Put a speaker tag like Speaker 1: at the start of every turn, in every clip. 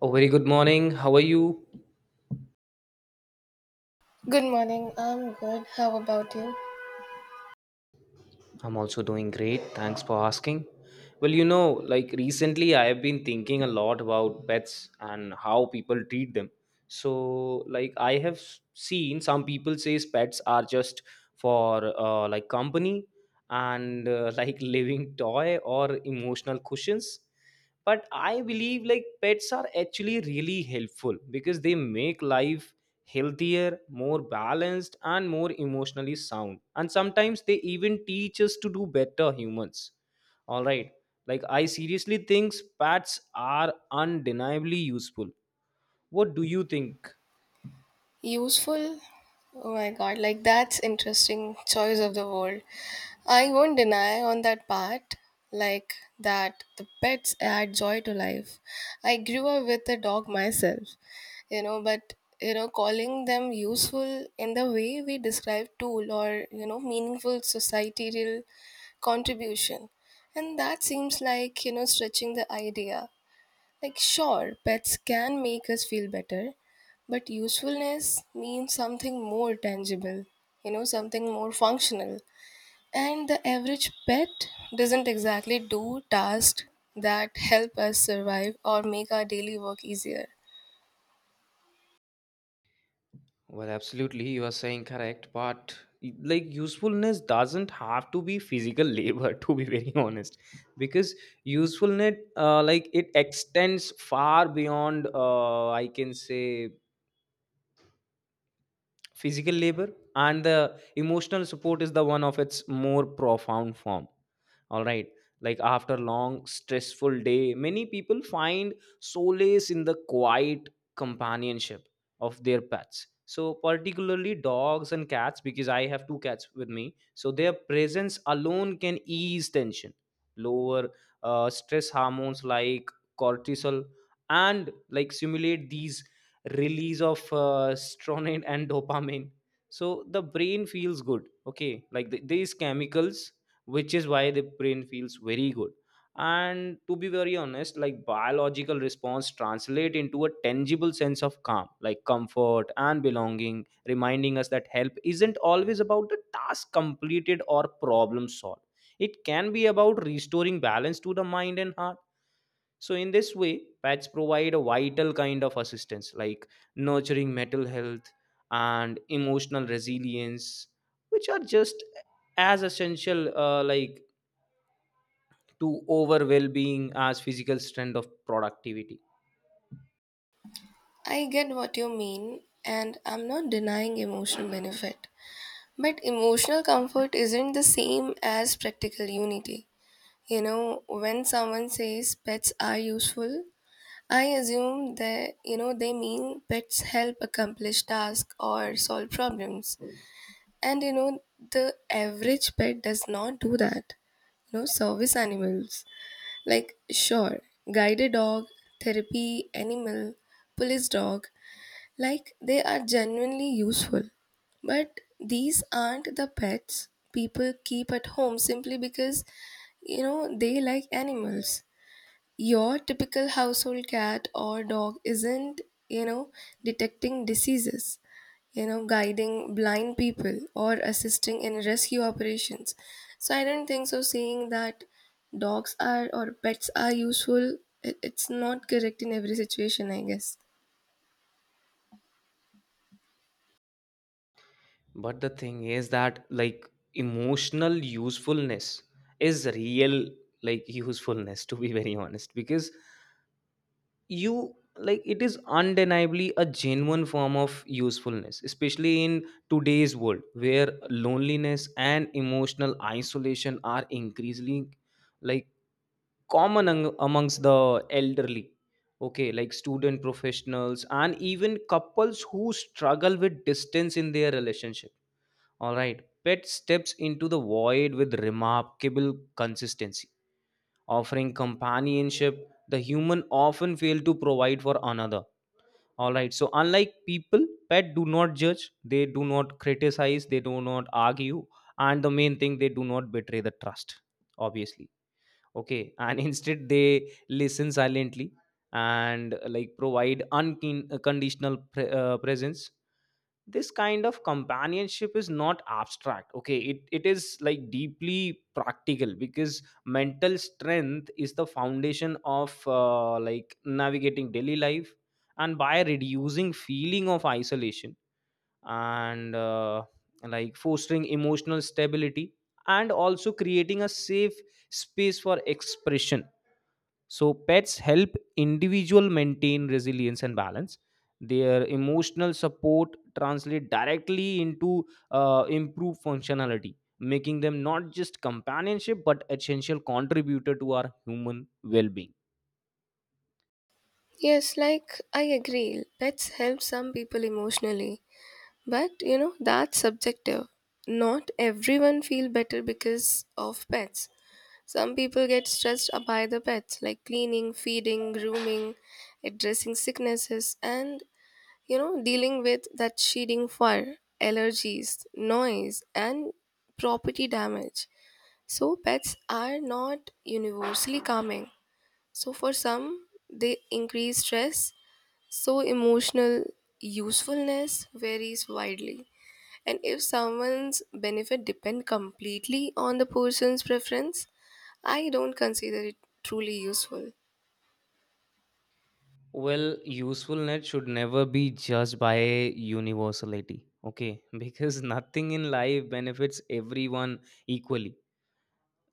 Speaker 1: Oh, very good morning. How are you?
Speaker 2: Good morning. I'm good. How about you?
Speaker 1: I'm also doing great. Thanks for asking. Well, like recently I have been thinking a lot about pets and how people treat them. So, like, I have seen some people say pets are just for like company, and like living toy or emotional cushions. But I believe like pets are actually really helpful, because they make life healthier, more balanced, and more emotionally sound, and sometimes they even teach us to do better humans. All right, like I seriously think pets are undeniably useful. What do you think?
Speaker 2: Useful? Oh my God, like that's interesting choice of the word. I won't deny on that part, like that the pets add joy to life. I grew up with a dog myself, but calling them useful in the way we describe tool or meaningful societal contribution. And that seems like, stretching the idea. Like, sure, pets can make us feel better, but usefulness means something more tangible, something more functional. And the average pet doesn't exactly do tasks that help us survive or make our daily work easier.
Speaker 1: Well, absolutely, you are saying correct, but like usefulness doesn't have to be physical labor to be very honest, because usefulness, like it extends far beyond, I can say, physical labor, and the emotional support is the one of its more profound form. All right, like after long stressful day many people find solace in the quiet companionship of their pets. So particularly dogs and cats, because I have two cats with me. So their presence alone can ease tension, lower stress hormones like cortisol, and like simulate these release of serotonin and dopamine. So the brain feels good. Okay, like these chemicals, which is why the brain feels very good. And to be very honest, like biological response translate into a tangible sense of calm, like comfort and belonging, reminding us that help isn't always about the task completed or problem solved. It can be about restoring balance to the mind and heart. So in this way pets provide a vital kind of assistance, like nurturing mental health and emotional resilience, which are just as essential, like, to over well-being as physical strength of productivity.
Speaker 2: I get what you mean, and I'm not denying emotional benefit. But emotional comfort isn't the same as practical unity. When someone says pets are useful, I assume that they mean pets help accomplish tasks or solve problems. And the average pet does not do that. Service animals, like, sure, guided dog, therapy animal, police dog, like they are genuinely useful. But these aren't the pets people keep at home simply because they like animals. Your typical household cat or dog isn't, you know, detecting diseases, guiding blind people or assisting in rescue operations. So I don't think so saying that dogs are or pets are useful, it's not correct in every situation, I guess.
Speaker 1: But the thing is that like emotional usefulness is real. Like usefulness, to be very honest, because you, like, it is undeniably a genuine form of usefulness, especially in today's world where loneliness and emotional isolation are increasingly, like, common amongst the elderly. Okay, like student professionals and even couples who struggle with distance in their relationship. All right, pet steps into the void with remarkable consistency, offering companionship the human often fail to provide for another. All right, so unlike people pet do not judge, they do not criticize, they do not argue, and the main thing, they do not betray the trust, obviously. Okay, and instead they listen silently and like provide unconditional presence. This kind of companionship is not abstract. Okay, it is like deeply practical, because mental strength is the foundation of, like, navigating daily life. And by reducing feeling of isolation and like fostering emotional stability, and also creating a safe space for expression, so pets help individual maintain resilience and balance. Their emotional support translate directly into improved functionality, making them not just companionship but essential contributor to our human well-being.
Speaker 2: Yes, like I agree. Pets help some people emotionally, but that's subjective. Not everyone feel better because of pets. Some people get stressed by the pets, like cleaning, feeding, grooming, addressing sicknesses, and dealing with that shedding fur, allergies, noise, and property damage. So, pets are not universally calming. So, for some, they increase stress, so emotional usefulness varies widely. And if someone's benefit depend completely on the person's preference, I don't consider it truly useful.
Speaker 1: Well, usefulness should never be judged by universality, okay? Because nothing in life benefits everyone equally.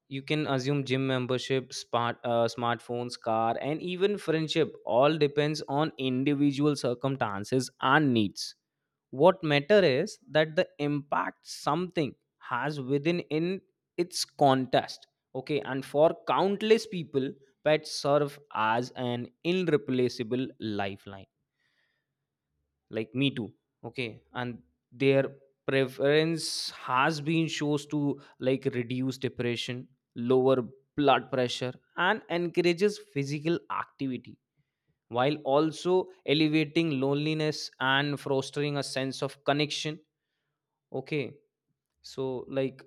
Speaker 1: You can assume gym membership, smartphones, car, and even friendship all depends on individual circumstances and needs. What matter is that the impact something has within in its context. Okay, and for countless people, pets serve as an irreplaceable lifeline, like me too. Okay, and their preference has been shows to, like, reduce depression, lower blood pressure, and encourages physical activity, while also elevating loneliness and fostering a sense of connection. Okay, so, like,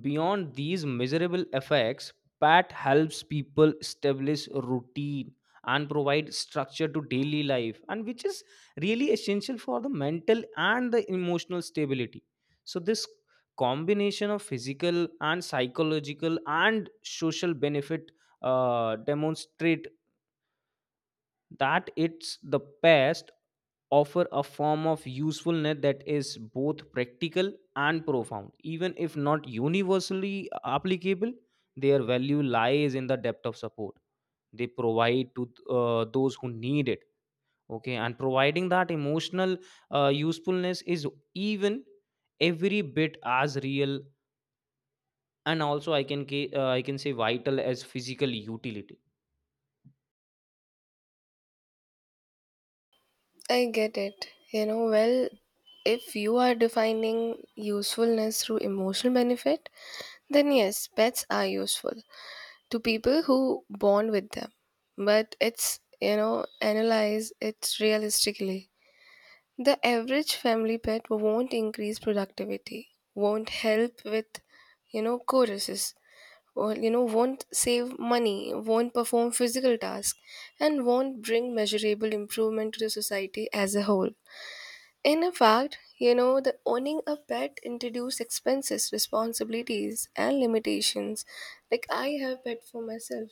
Speaker 1: beyond these miserable effects, PAT helps people establish routine and provide structure to daily life, and which is really essential for the mental and the emotional stability. So, this combination of physical and psychological and social benefit demonstrate that it's the past offer a form of usefulness that is both practical and profound, even if not universally applicable. Their value lies in the depth of support they provide to those who need it. Okay, and providing that emotional usefulness is even every bit as real, and also I can say vital as physical utility.
Speaker 2: I get it. Well, if you are defining usefulness through emotional benefit, then yes, pets are useful to people who bond with them. But it's, analyze it realistically. The average family pet won't increase productivity, won't help with, choruses, or won't save money, won't perform physical tasks, and won't bring measurable improvement to the society as a whole. In fact, the owning a pet introduces expenses, responsibilities, and limitations. Like, I have pet for myself,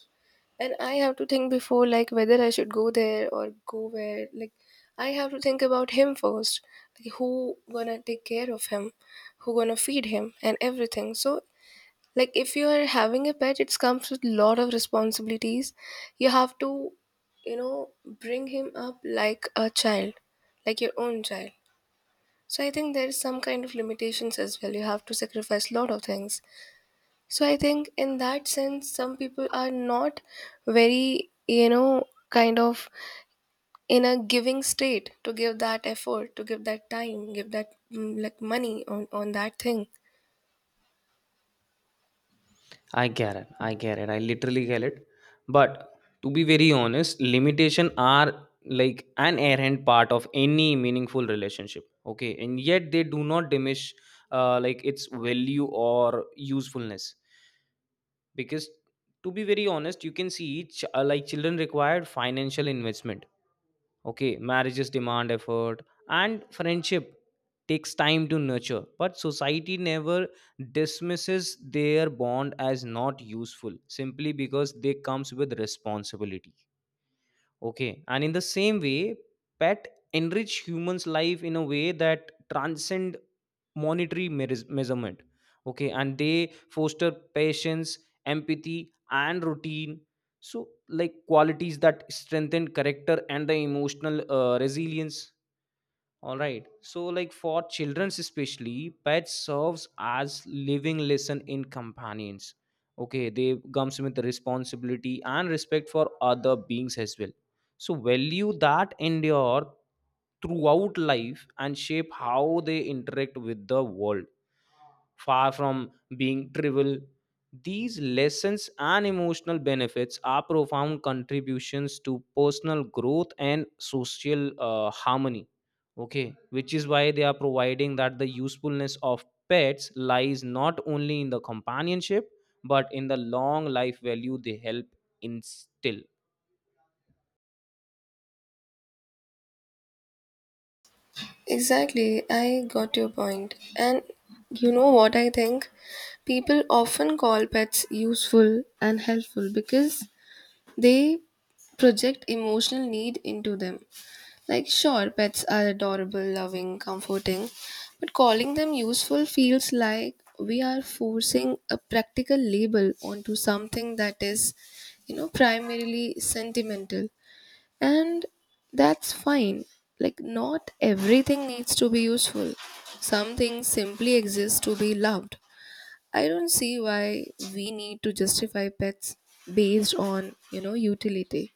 Speaker 2: and I have to think before, like, whether I should go there or go where. Like, I have to think about him first. Like, who gonna take care of him, who gonna feed him, and everything. So, like, if you are having a pet, it comes with a lot of responsibilities. You have to, bring him up like a child, like your own child. So I think there is some kind of limitations as well. You have to sacrifice a lot of things. So I think in that sense, some people are not very, kind of in a giving state to give that effort, to give that time, give that like money on that thing.
Speaker 1: I get it. I get it. I literally get it. But to be very honest, limitation are like an errant part of any meaningful relationship. Okay, and yet they do not diminish like its value or usefulness, because to be very honest, you can see like children required financial investment. Okay, marriages demand effort, and friendship takes time to nurture, but society never dismisses their bond as not useful simply because they comes with responsibility. Okay, and in the same way pet enrich humans life in a way that transcend monetary measurement. Okay, and they foster patience, empathy, and routine, so, like, qualities that strengthen character and the emotional resilience. All right. So, like for children especially, pets serves as living lesson in companions. Okay, they comes with the responsibility and respect for other beings as well. So value that endure throughout life and shape how they interact with the world. Far from being trivial, these lessons and emotional benefits are profound contributions to personal growth and social harmony. Okay, which is why they are providing that the usefulness of pets lies not only in the companionship, but in the long life value they help instill.
Speaker 2: Exactly, I got your point. And you know what I think? People often call pets useful and helpful because they project emotional need into them. Like, sure, pets are adorable, loving, comforting, but calling them useful feels like we are forcing a practical label onto something that is, primarily sentimental, and that's fine. Like, not everything needs to be useful, some things simply exist to be loved. I don't see why we need to justify pets based on, utility.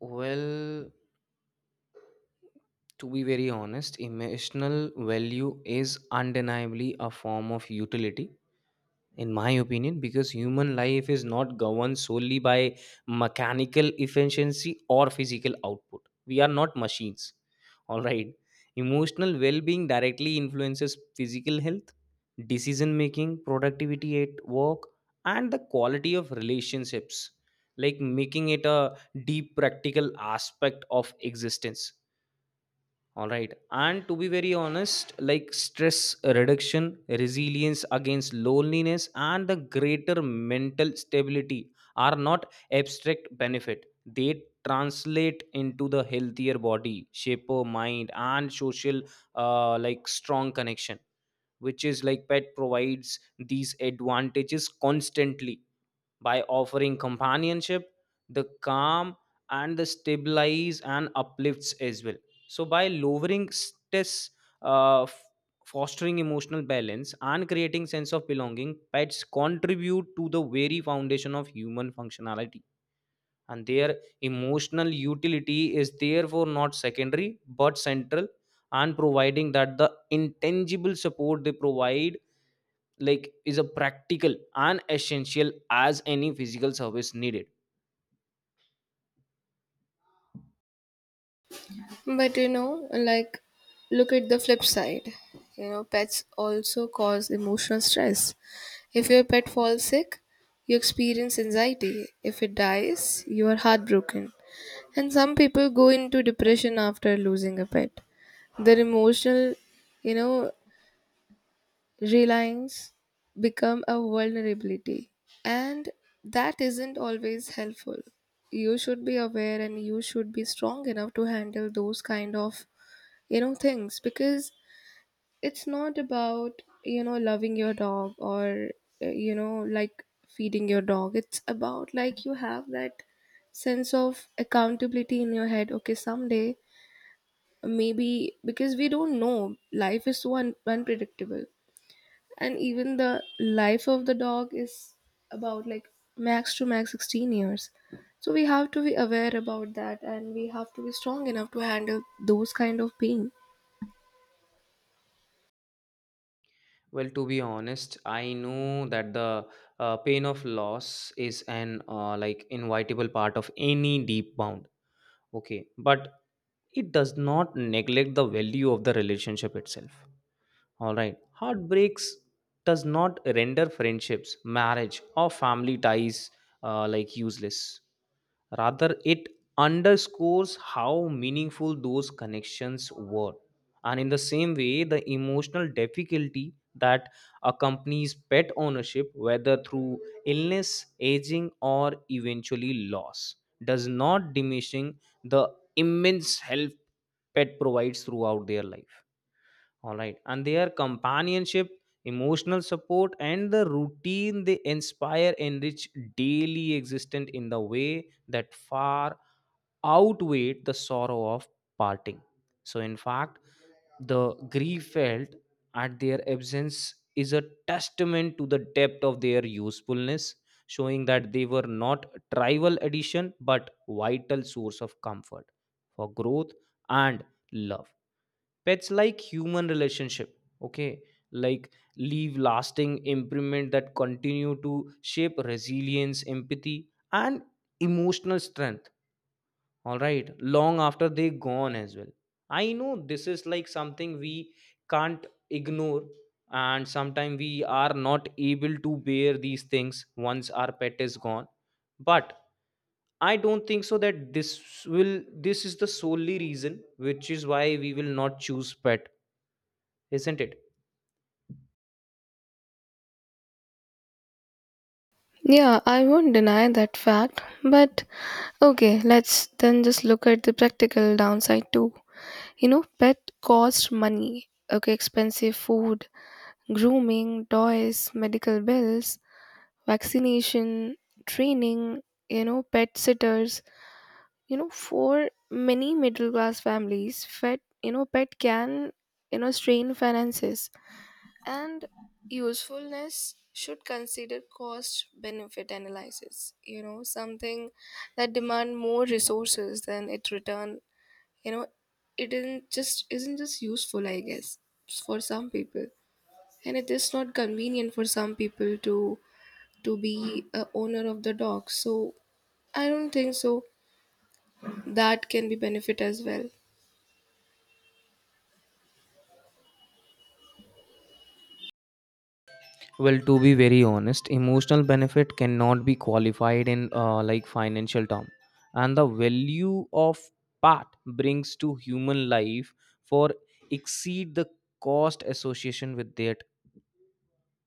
Speaker 1: Well, to be very honest, emotional value is undeniably a form of utility, in my opinion, because human life is not governed solely by mechanical efficiency or physical output. We are not machines. All right, emotional well-being directly influences physical health, decision making, productivity at work, and the quality of relationships, like making it a deep practical aspect of existence. All right. And to be very honest, like stress reduction, resilience against loneliness, and the greater mental stability are not abstract benefit. They translate into the healthier body, shaper mind, and social, like, strong connection, which is like pet provides these advantages constantly by offering companionship, the calm, and the stabilize and uplifts as well. So by lowering stress, uh, f- fostering emotional balance and creating sense of belonging, pets contribute to the very foundation of human functionality. And their emotional utility is therefore not secondary but central, and providing that the intangible support they provide, like, is a practical and essential as any physical service needed.
Speaker 2: But like, look at the flip side. Pets also cause emotional stress. If your pet falls sick, you experience anxiety. If it dies, you are heartbroken. And some people go into depression after losing a pet. Their emotional, you know, reliance become a vulnerability. And that isn't always helpful. You should be aware and you should be strong enough to handle those kind of, things, because it's not about, loving your dog or, like feeding your dog. It's about like you have that sense of accountability in your head. Okay, someday, maybe, because we don't know life is so unpredictable. And even the life of the dog is about, like, max to max 16 years. So we have to be aware about that, and we have to be strong enough to handle those kind of pain.
Speaker 1: Well, to be honest, I know that the pain of loss is an like inevitable part of any deep bound. Okay, but it does not neglect the value of the relationship itself. All right. Heartbreaks does not render friendships, marriage, or family ties like useless. Rather, it underscores how meaningful those connections were. And in the same way, the emotional difficulty that accompanies pet ownership, whether through illness, aging, or eventually loss, does not diminishing the immense help pet provides throughout their life. All right. And their companionship, emotional support, and the routine they inspire enrich daily existence in the way that far outweigh the sorrow of parting. So, in fact, the grief felt at their absence is a testament to the depth of their usefulness, showing that they were not trivial addition but vital source of comfort for growth and love. Pets, like human relationship, okay, like, leave lasting imprint that continue to shape resilience, empathy, and emotional strength. All right, long after they gone as well. I know this is like something we can't ignore, and sometimes we are not able to bear these things once our pet is gone. But I don't think so that will this is the solely reason which is why we will not choose pet, isn't it?
Speaker 2: Yeah, I won't deny that fact, but okay, let's then just look at the practical downside too. Pet cost money, okay, expensive food, grooming, toys, medical bills, vaccination, training, pet sitters. For many middle class families, pet can, strain finances. And usefulness should consider cost benefit analysis, something that demand more resources than it return. you know it isn't just useful, I guess, for some people. And it is not convenient for some people to be a owner of the dog, so I don't think so that can be benefit as well.
Speaker 1: Well, to be very honest, emotional benefit cannot be qualified in like financial term, and the value of part brings to human life for exceed the cost association with that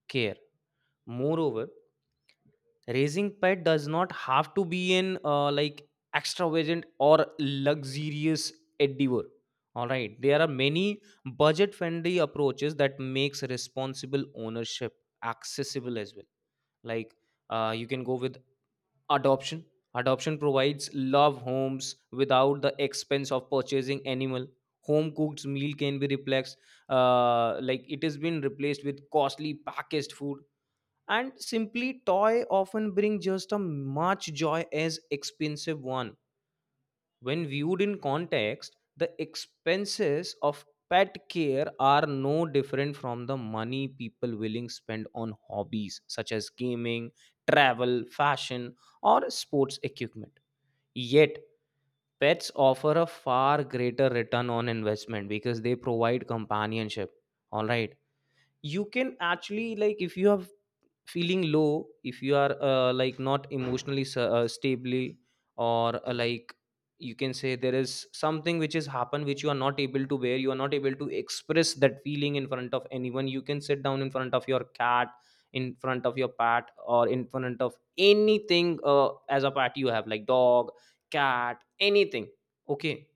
Speaker 1: care. Moreover, raising pet does not have to be an like extravagant or luxurious endeavor, all right? There are many budget friendly approaches that makes responsible ownership accessible as well, like you can go with adoption. Adoption provides love homes without the expense of purchasing animal. Home cooked meal can be replaced, like it has been replaced with costly packaged food, and simply toy often bring just as much joy as expensive one. When viewed in context, the expenses of pet care are no different from the money people willing spend on hobbies such as gaming, travel, fashion, or sports equipment. Yet pets offer a far greater return on investment because they provide companionship. All right, you can actually, like, if you have feeling low, if you are like not emotionally stably, or like, you can say there is something which has happened which you are not able to bear, you are not able to express that feeling in front of anyone, you can sit down in front of your cat, in front of your pet, or in front of anything, as a pet you have, like, dog, cat, anything. Okay,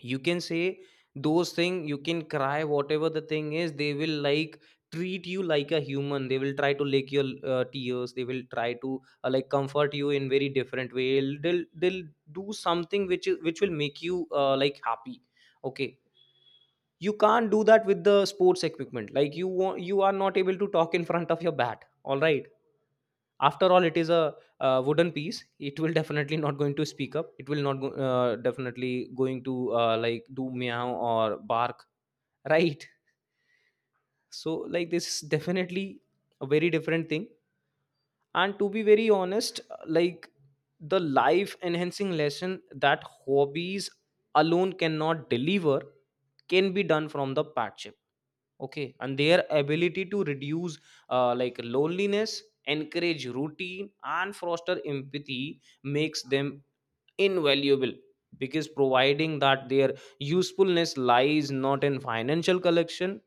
Speaker 1: you can say those thing, you can cry whatever the thing is, they will, like, treat you like a human. They will try to lick your tears, they will try to like comfort you in very different way. They'll do something which will make you like happy. Okay, you can't do that with the sports equipment. Like, you want, you are not able to talk in front of your bat, all right? After all, it is a, uh, wooden piece. It will definitely not going to speak up. It will not go, definitely going to like do meow or bark, right? So, like, this is definitely a very different thing. And to be very honest, like, the life enhancing lesson that hobbies alone cannot deliver can be done from the partnership. Okay, and their ability to reduce like loneliness, encourage routine, and foster empathy makes them invaluable, because providing that, their usefulness lies not in financial collection,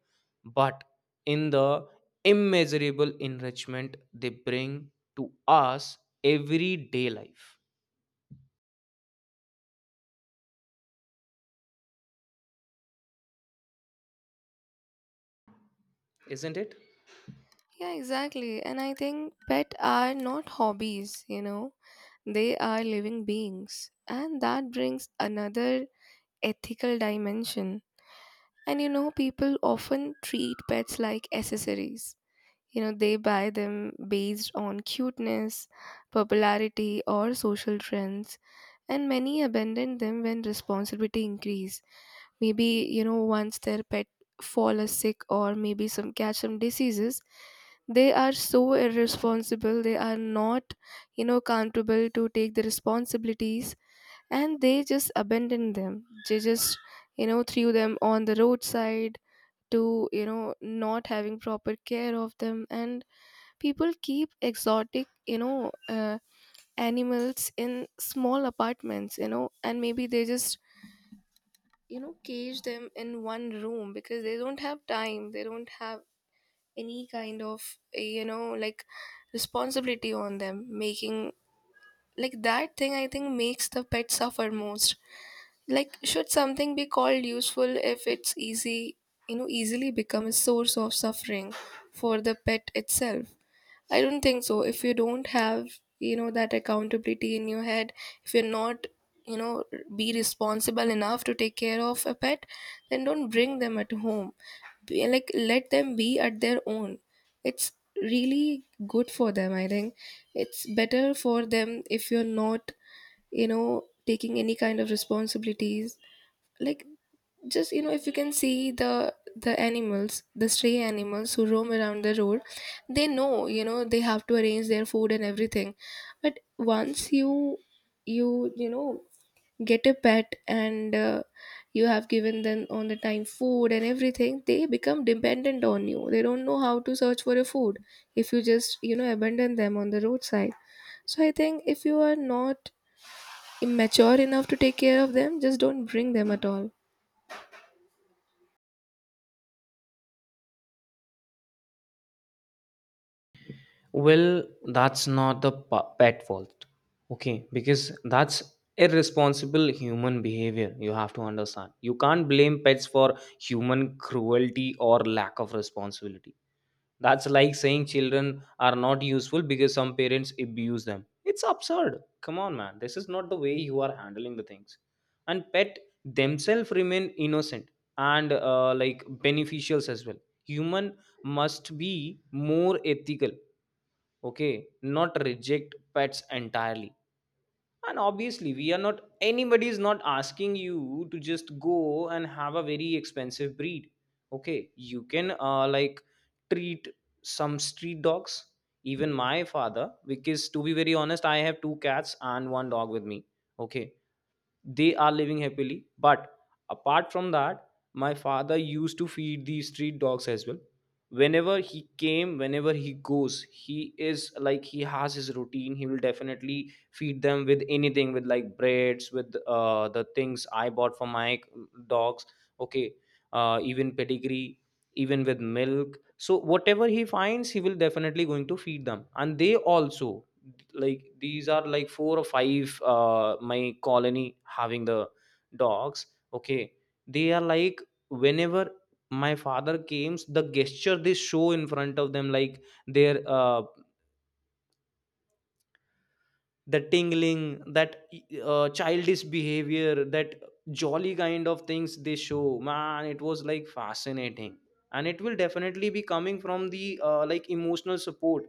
Speaker 1: but in the immeasurable enrichment they bring to us everyday life, isn't it?
Speaker 2: Yeah, exactly. And I think pet are not hobbies. They are living beings. And that brings another ethical dimension. And people often treat pets like accessories. They buy them based on cuteness, popularity, or social trends, and many abandon them when responsibility increase. Maybe once their pet fall is sick, or maybe some catch some diseases, they are so irresponsible. They are not accountable to take the responsibilities, and they just abandon them. They just threw them on the roadside, to not having proper care of them. And people keep exotic animals in small apartments, and maybe they just cage them in one room, because they don't have time, they don't have any kind of like responsibility on them. Making, like, that thing, I think, makes the pet suffer most. Like, should something be called useful if it's easy easily become a source of suffering for the pet itself? I don't think so. If you don't have, that accountability in your head, if you're not, you know, be responsible enough to take care of a pet, then don't bring them at home. Be, like, let them be at their own. It's really good for them, I think. It's better for them if you're not, taking any kind of responsibilities. Like, just, if you can see the animals, the stray animals who roam around the road, they know they have to arrange their food and everything. But once you you you know get a pet, and you have given them on the time food and everything, they become dependent on you. They don't know how to search for a food. If you just abandon them on the roadside, so I think if you are not mature enough to take care of them, just don't bring them at all.
Speaker 1: Well, that's not the pet fault. Okay, because that's irresponsible human behavior. You have to understand. You can't blame pets for human cruelty or lack of responsibility. That's like saying children are not useful because some parents abuse them. It's absurd. Come on, man. This is not the way you are handling the things. And pet themselves remain innocent and like beneficials as well. Human must be more ethical, okay, not reject pets entirely. And obviously, we are not, anybody is not asking you to just go and have a very expensive breed. Okay, you can like treat some street dogs. Even my father, because to be very honest, I have two cats and one dog with me. Okay, they are living happily, but apart from that, my father used to feed the street dogs as well. Whenever he came, whenever he goes, he is like, he has his routine, he will definitely feed them with anything, with like breads, with the things I bought for my dogs. Okay, even pedigree, even with milk. So whatever he finds, he will definitely going to feed them. And they also, like, these are like four or five, uh, my colony having the dogs. Okay, they are like, whenever my father came, the gesture they show in front of them, like their uh, the tingling, that childish behavior, that jolly kind of things they show, man, it was like fascinating. And it will definitely be coming from the like emotional support,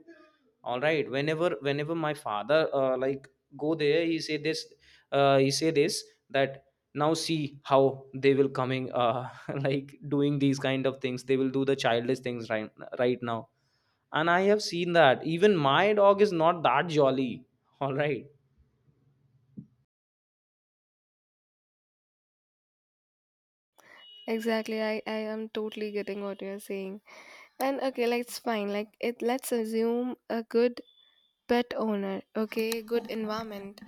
Speaker 1: all right? Whenever my father like go there, he say this, he say this, that now see how they will coming, like doing these kind of things, they will do the childish things, right? Right now, and I have seen that even my dog is not that jolly, all right?
Speaker 2: Exactly, I am totally getting what you're saying. And okay, like it's fine. Like it let's assume a good pet owner, okay, good environment,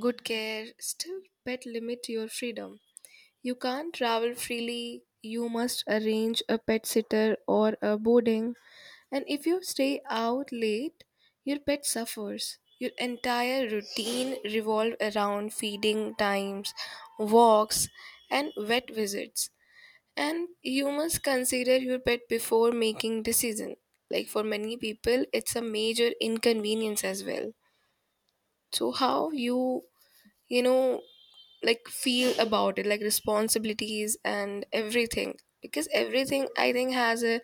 Speaker 2: good care, still pet limit your freedom. You can't travel freely, you must arrange a pet sitter or a boarding. And if you stay out late, your pet suffers. Your entire routine revolve around feeding times, walks, and vet visits. And you must consider your pet before making decision. Like for many people, it's a major inconvenience as well. So how you you know like feel about it, like responsibilities and everything. Because everything I think has a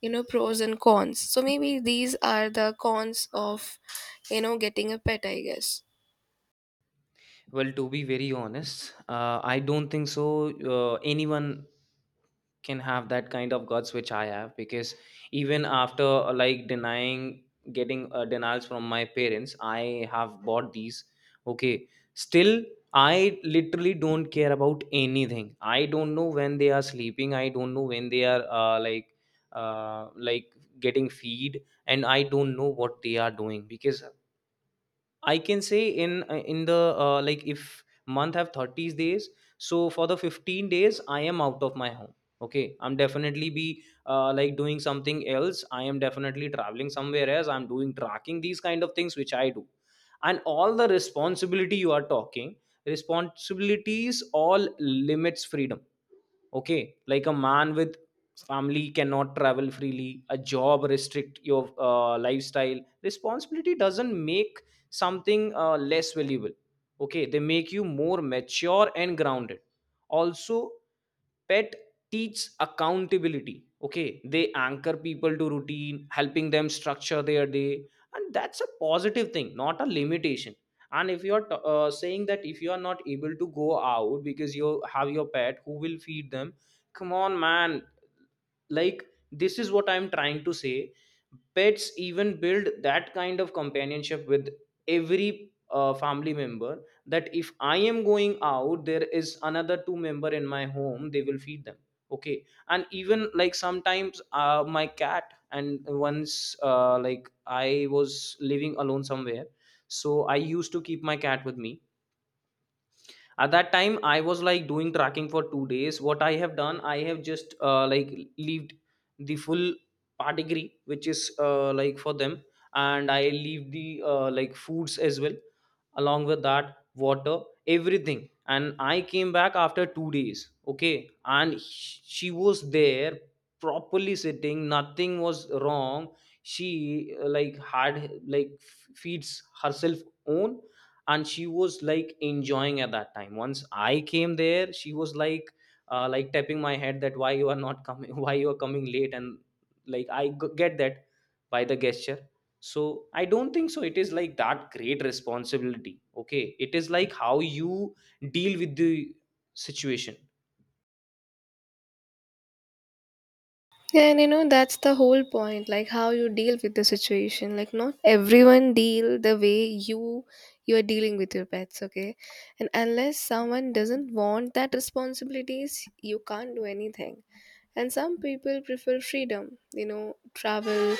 Speaker 2: pros and cons. So maybe these are the cons of getting a pet, I guess.
Speaker 1: Well, to be very honest, I don't think so. Anyone can have that kind of guts which I have, because even after like denying, getting denials from my parents, I have bought these. Okay, still, I literally don't care about anything. I don't know when they are sleeping. I don't know when they are like getting feed, and I don't know what they are doing, because I can say in the like, if month have 30 days, so for the 15 days I am out of my home. Okay, I'm definitely be like doing something else. I am definitely traveling somewhere else. I'm doing tracking, these kind of things which I do, and all the responsibility you are talking, responsibilities all limits freedom. Okay, like a man with family cannot travel freely, a job restrict your lifestyle. Responsibility doesn't make something less valuable. Okay, they make you more mature and grounded. Also, pet teach accountability. Okay, they anchor people to routine, helping them structure their day, and that's a positive thing, not a limitation. And if you're saying that if you are not able to go out because you have your pet, who will feed them? Come on, man, like, this is what I'm trying to say. Pets even build that kind of companionship with every family member, that if I am going out, there is another two member in my home, they will feed them. Okay, and even, like, sometimes, my cat, and once, like, I was living alone somewhere, so I used to keep my cat with me. At that time, I was like doing tracking for 2 days. What I have done, I have just like leaved the full pedigree, which is like for them, and I leave the like foods as well, along with that water, everything, and I came back after 2 days. Okay, and she was there, properly sitting, nothing was wrong. She like had, like feeds herself, own, and she was like enjoying. At that time, once I came there, she was like tapping my head, that why you are not coming, why you are coming late, and like, I get that by the gesture. So I don't think so it is like that great responsibility. Okay, it is like how you deal with the situation.
Speaker 2: Yeah, and that's the whole point, like how you deal with the situation. Like not everyone deal the way you are dealing with your pets, okay? And unless someone doesn't want that responsibilities, you can't do anything. And some people prefer freedom, travel,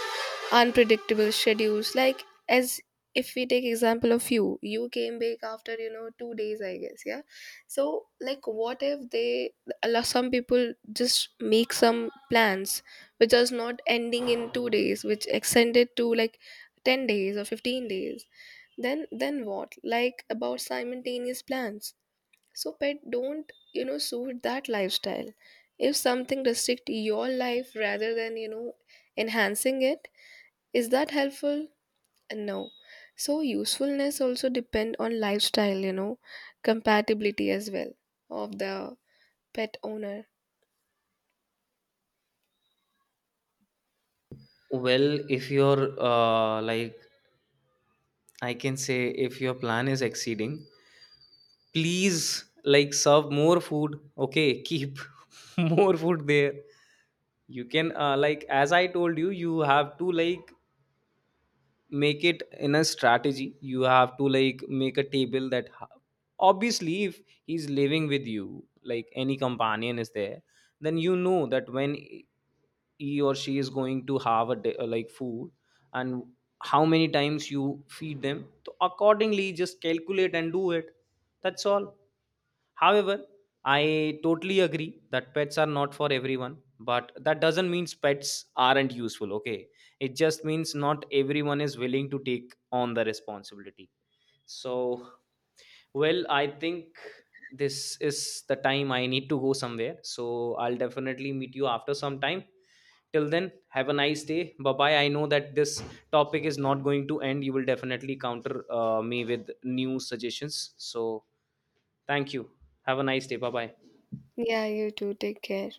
Speaker 2: unpredictable schedules, like as if we take example of you came back after 2 days, I guess. Yeah. So like what if they allow, some people just make some plans which is not ending in 2 days, which extended to like 10 days or 15 days. Then what, like, about simultaneous plans? So pet don't suit that lifestyle. If something restrict your life rather than enhancing it, is that helpful? No. So usefulness also depend on lifestyle, compatibility as well of the pet owner.
Speaker 1: Well, if your like, I can say, if your plan is exceeding, please, like, serve more food. Okay, keep more food there. You can like, as I told you, you have to like make it in a strategy. You have to like make a table that obviously, if he's living with you, like any companion is there, then you know that when he or she is going to have a like food, and how many times you feed them, so accordingly just calculate and do it. That's all. However, I totally agree that pets are not for everyone, but that doesn't mean pets aren't useful, okay? It just means not everyone is willing to take on the responsibility. So, well, I think this is the time I need to go somewhere. So, I'll definitely meet you after some time. Till then, have a nice day. Bye bye. I know that this topic is not going to end. You will definitely counter me with new suggestions. So, thank you. Have a nice day. Bye bye.
Speaker 2: Yeah, you too. Take care.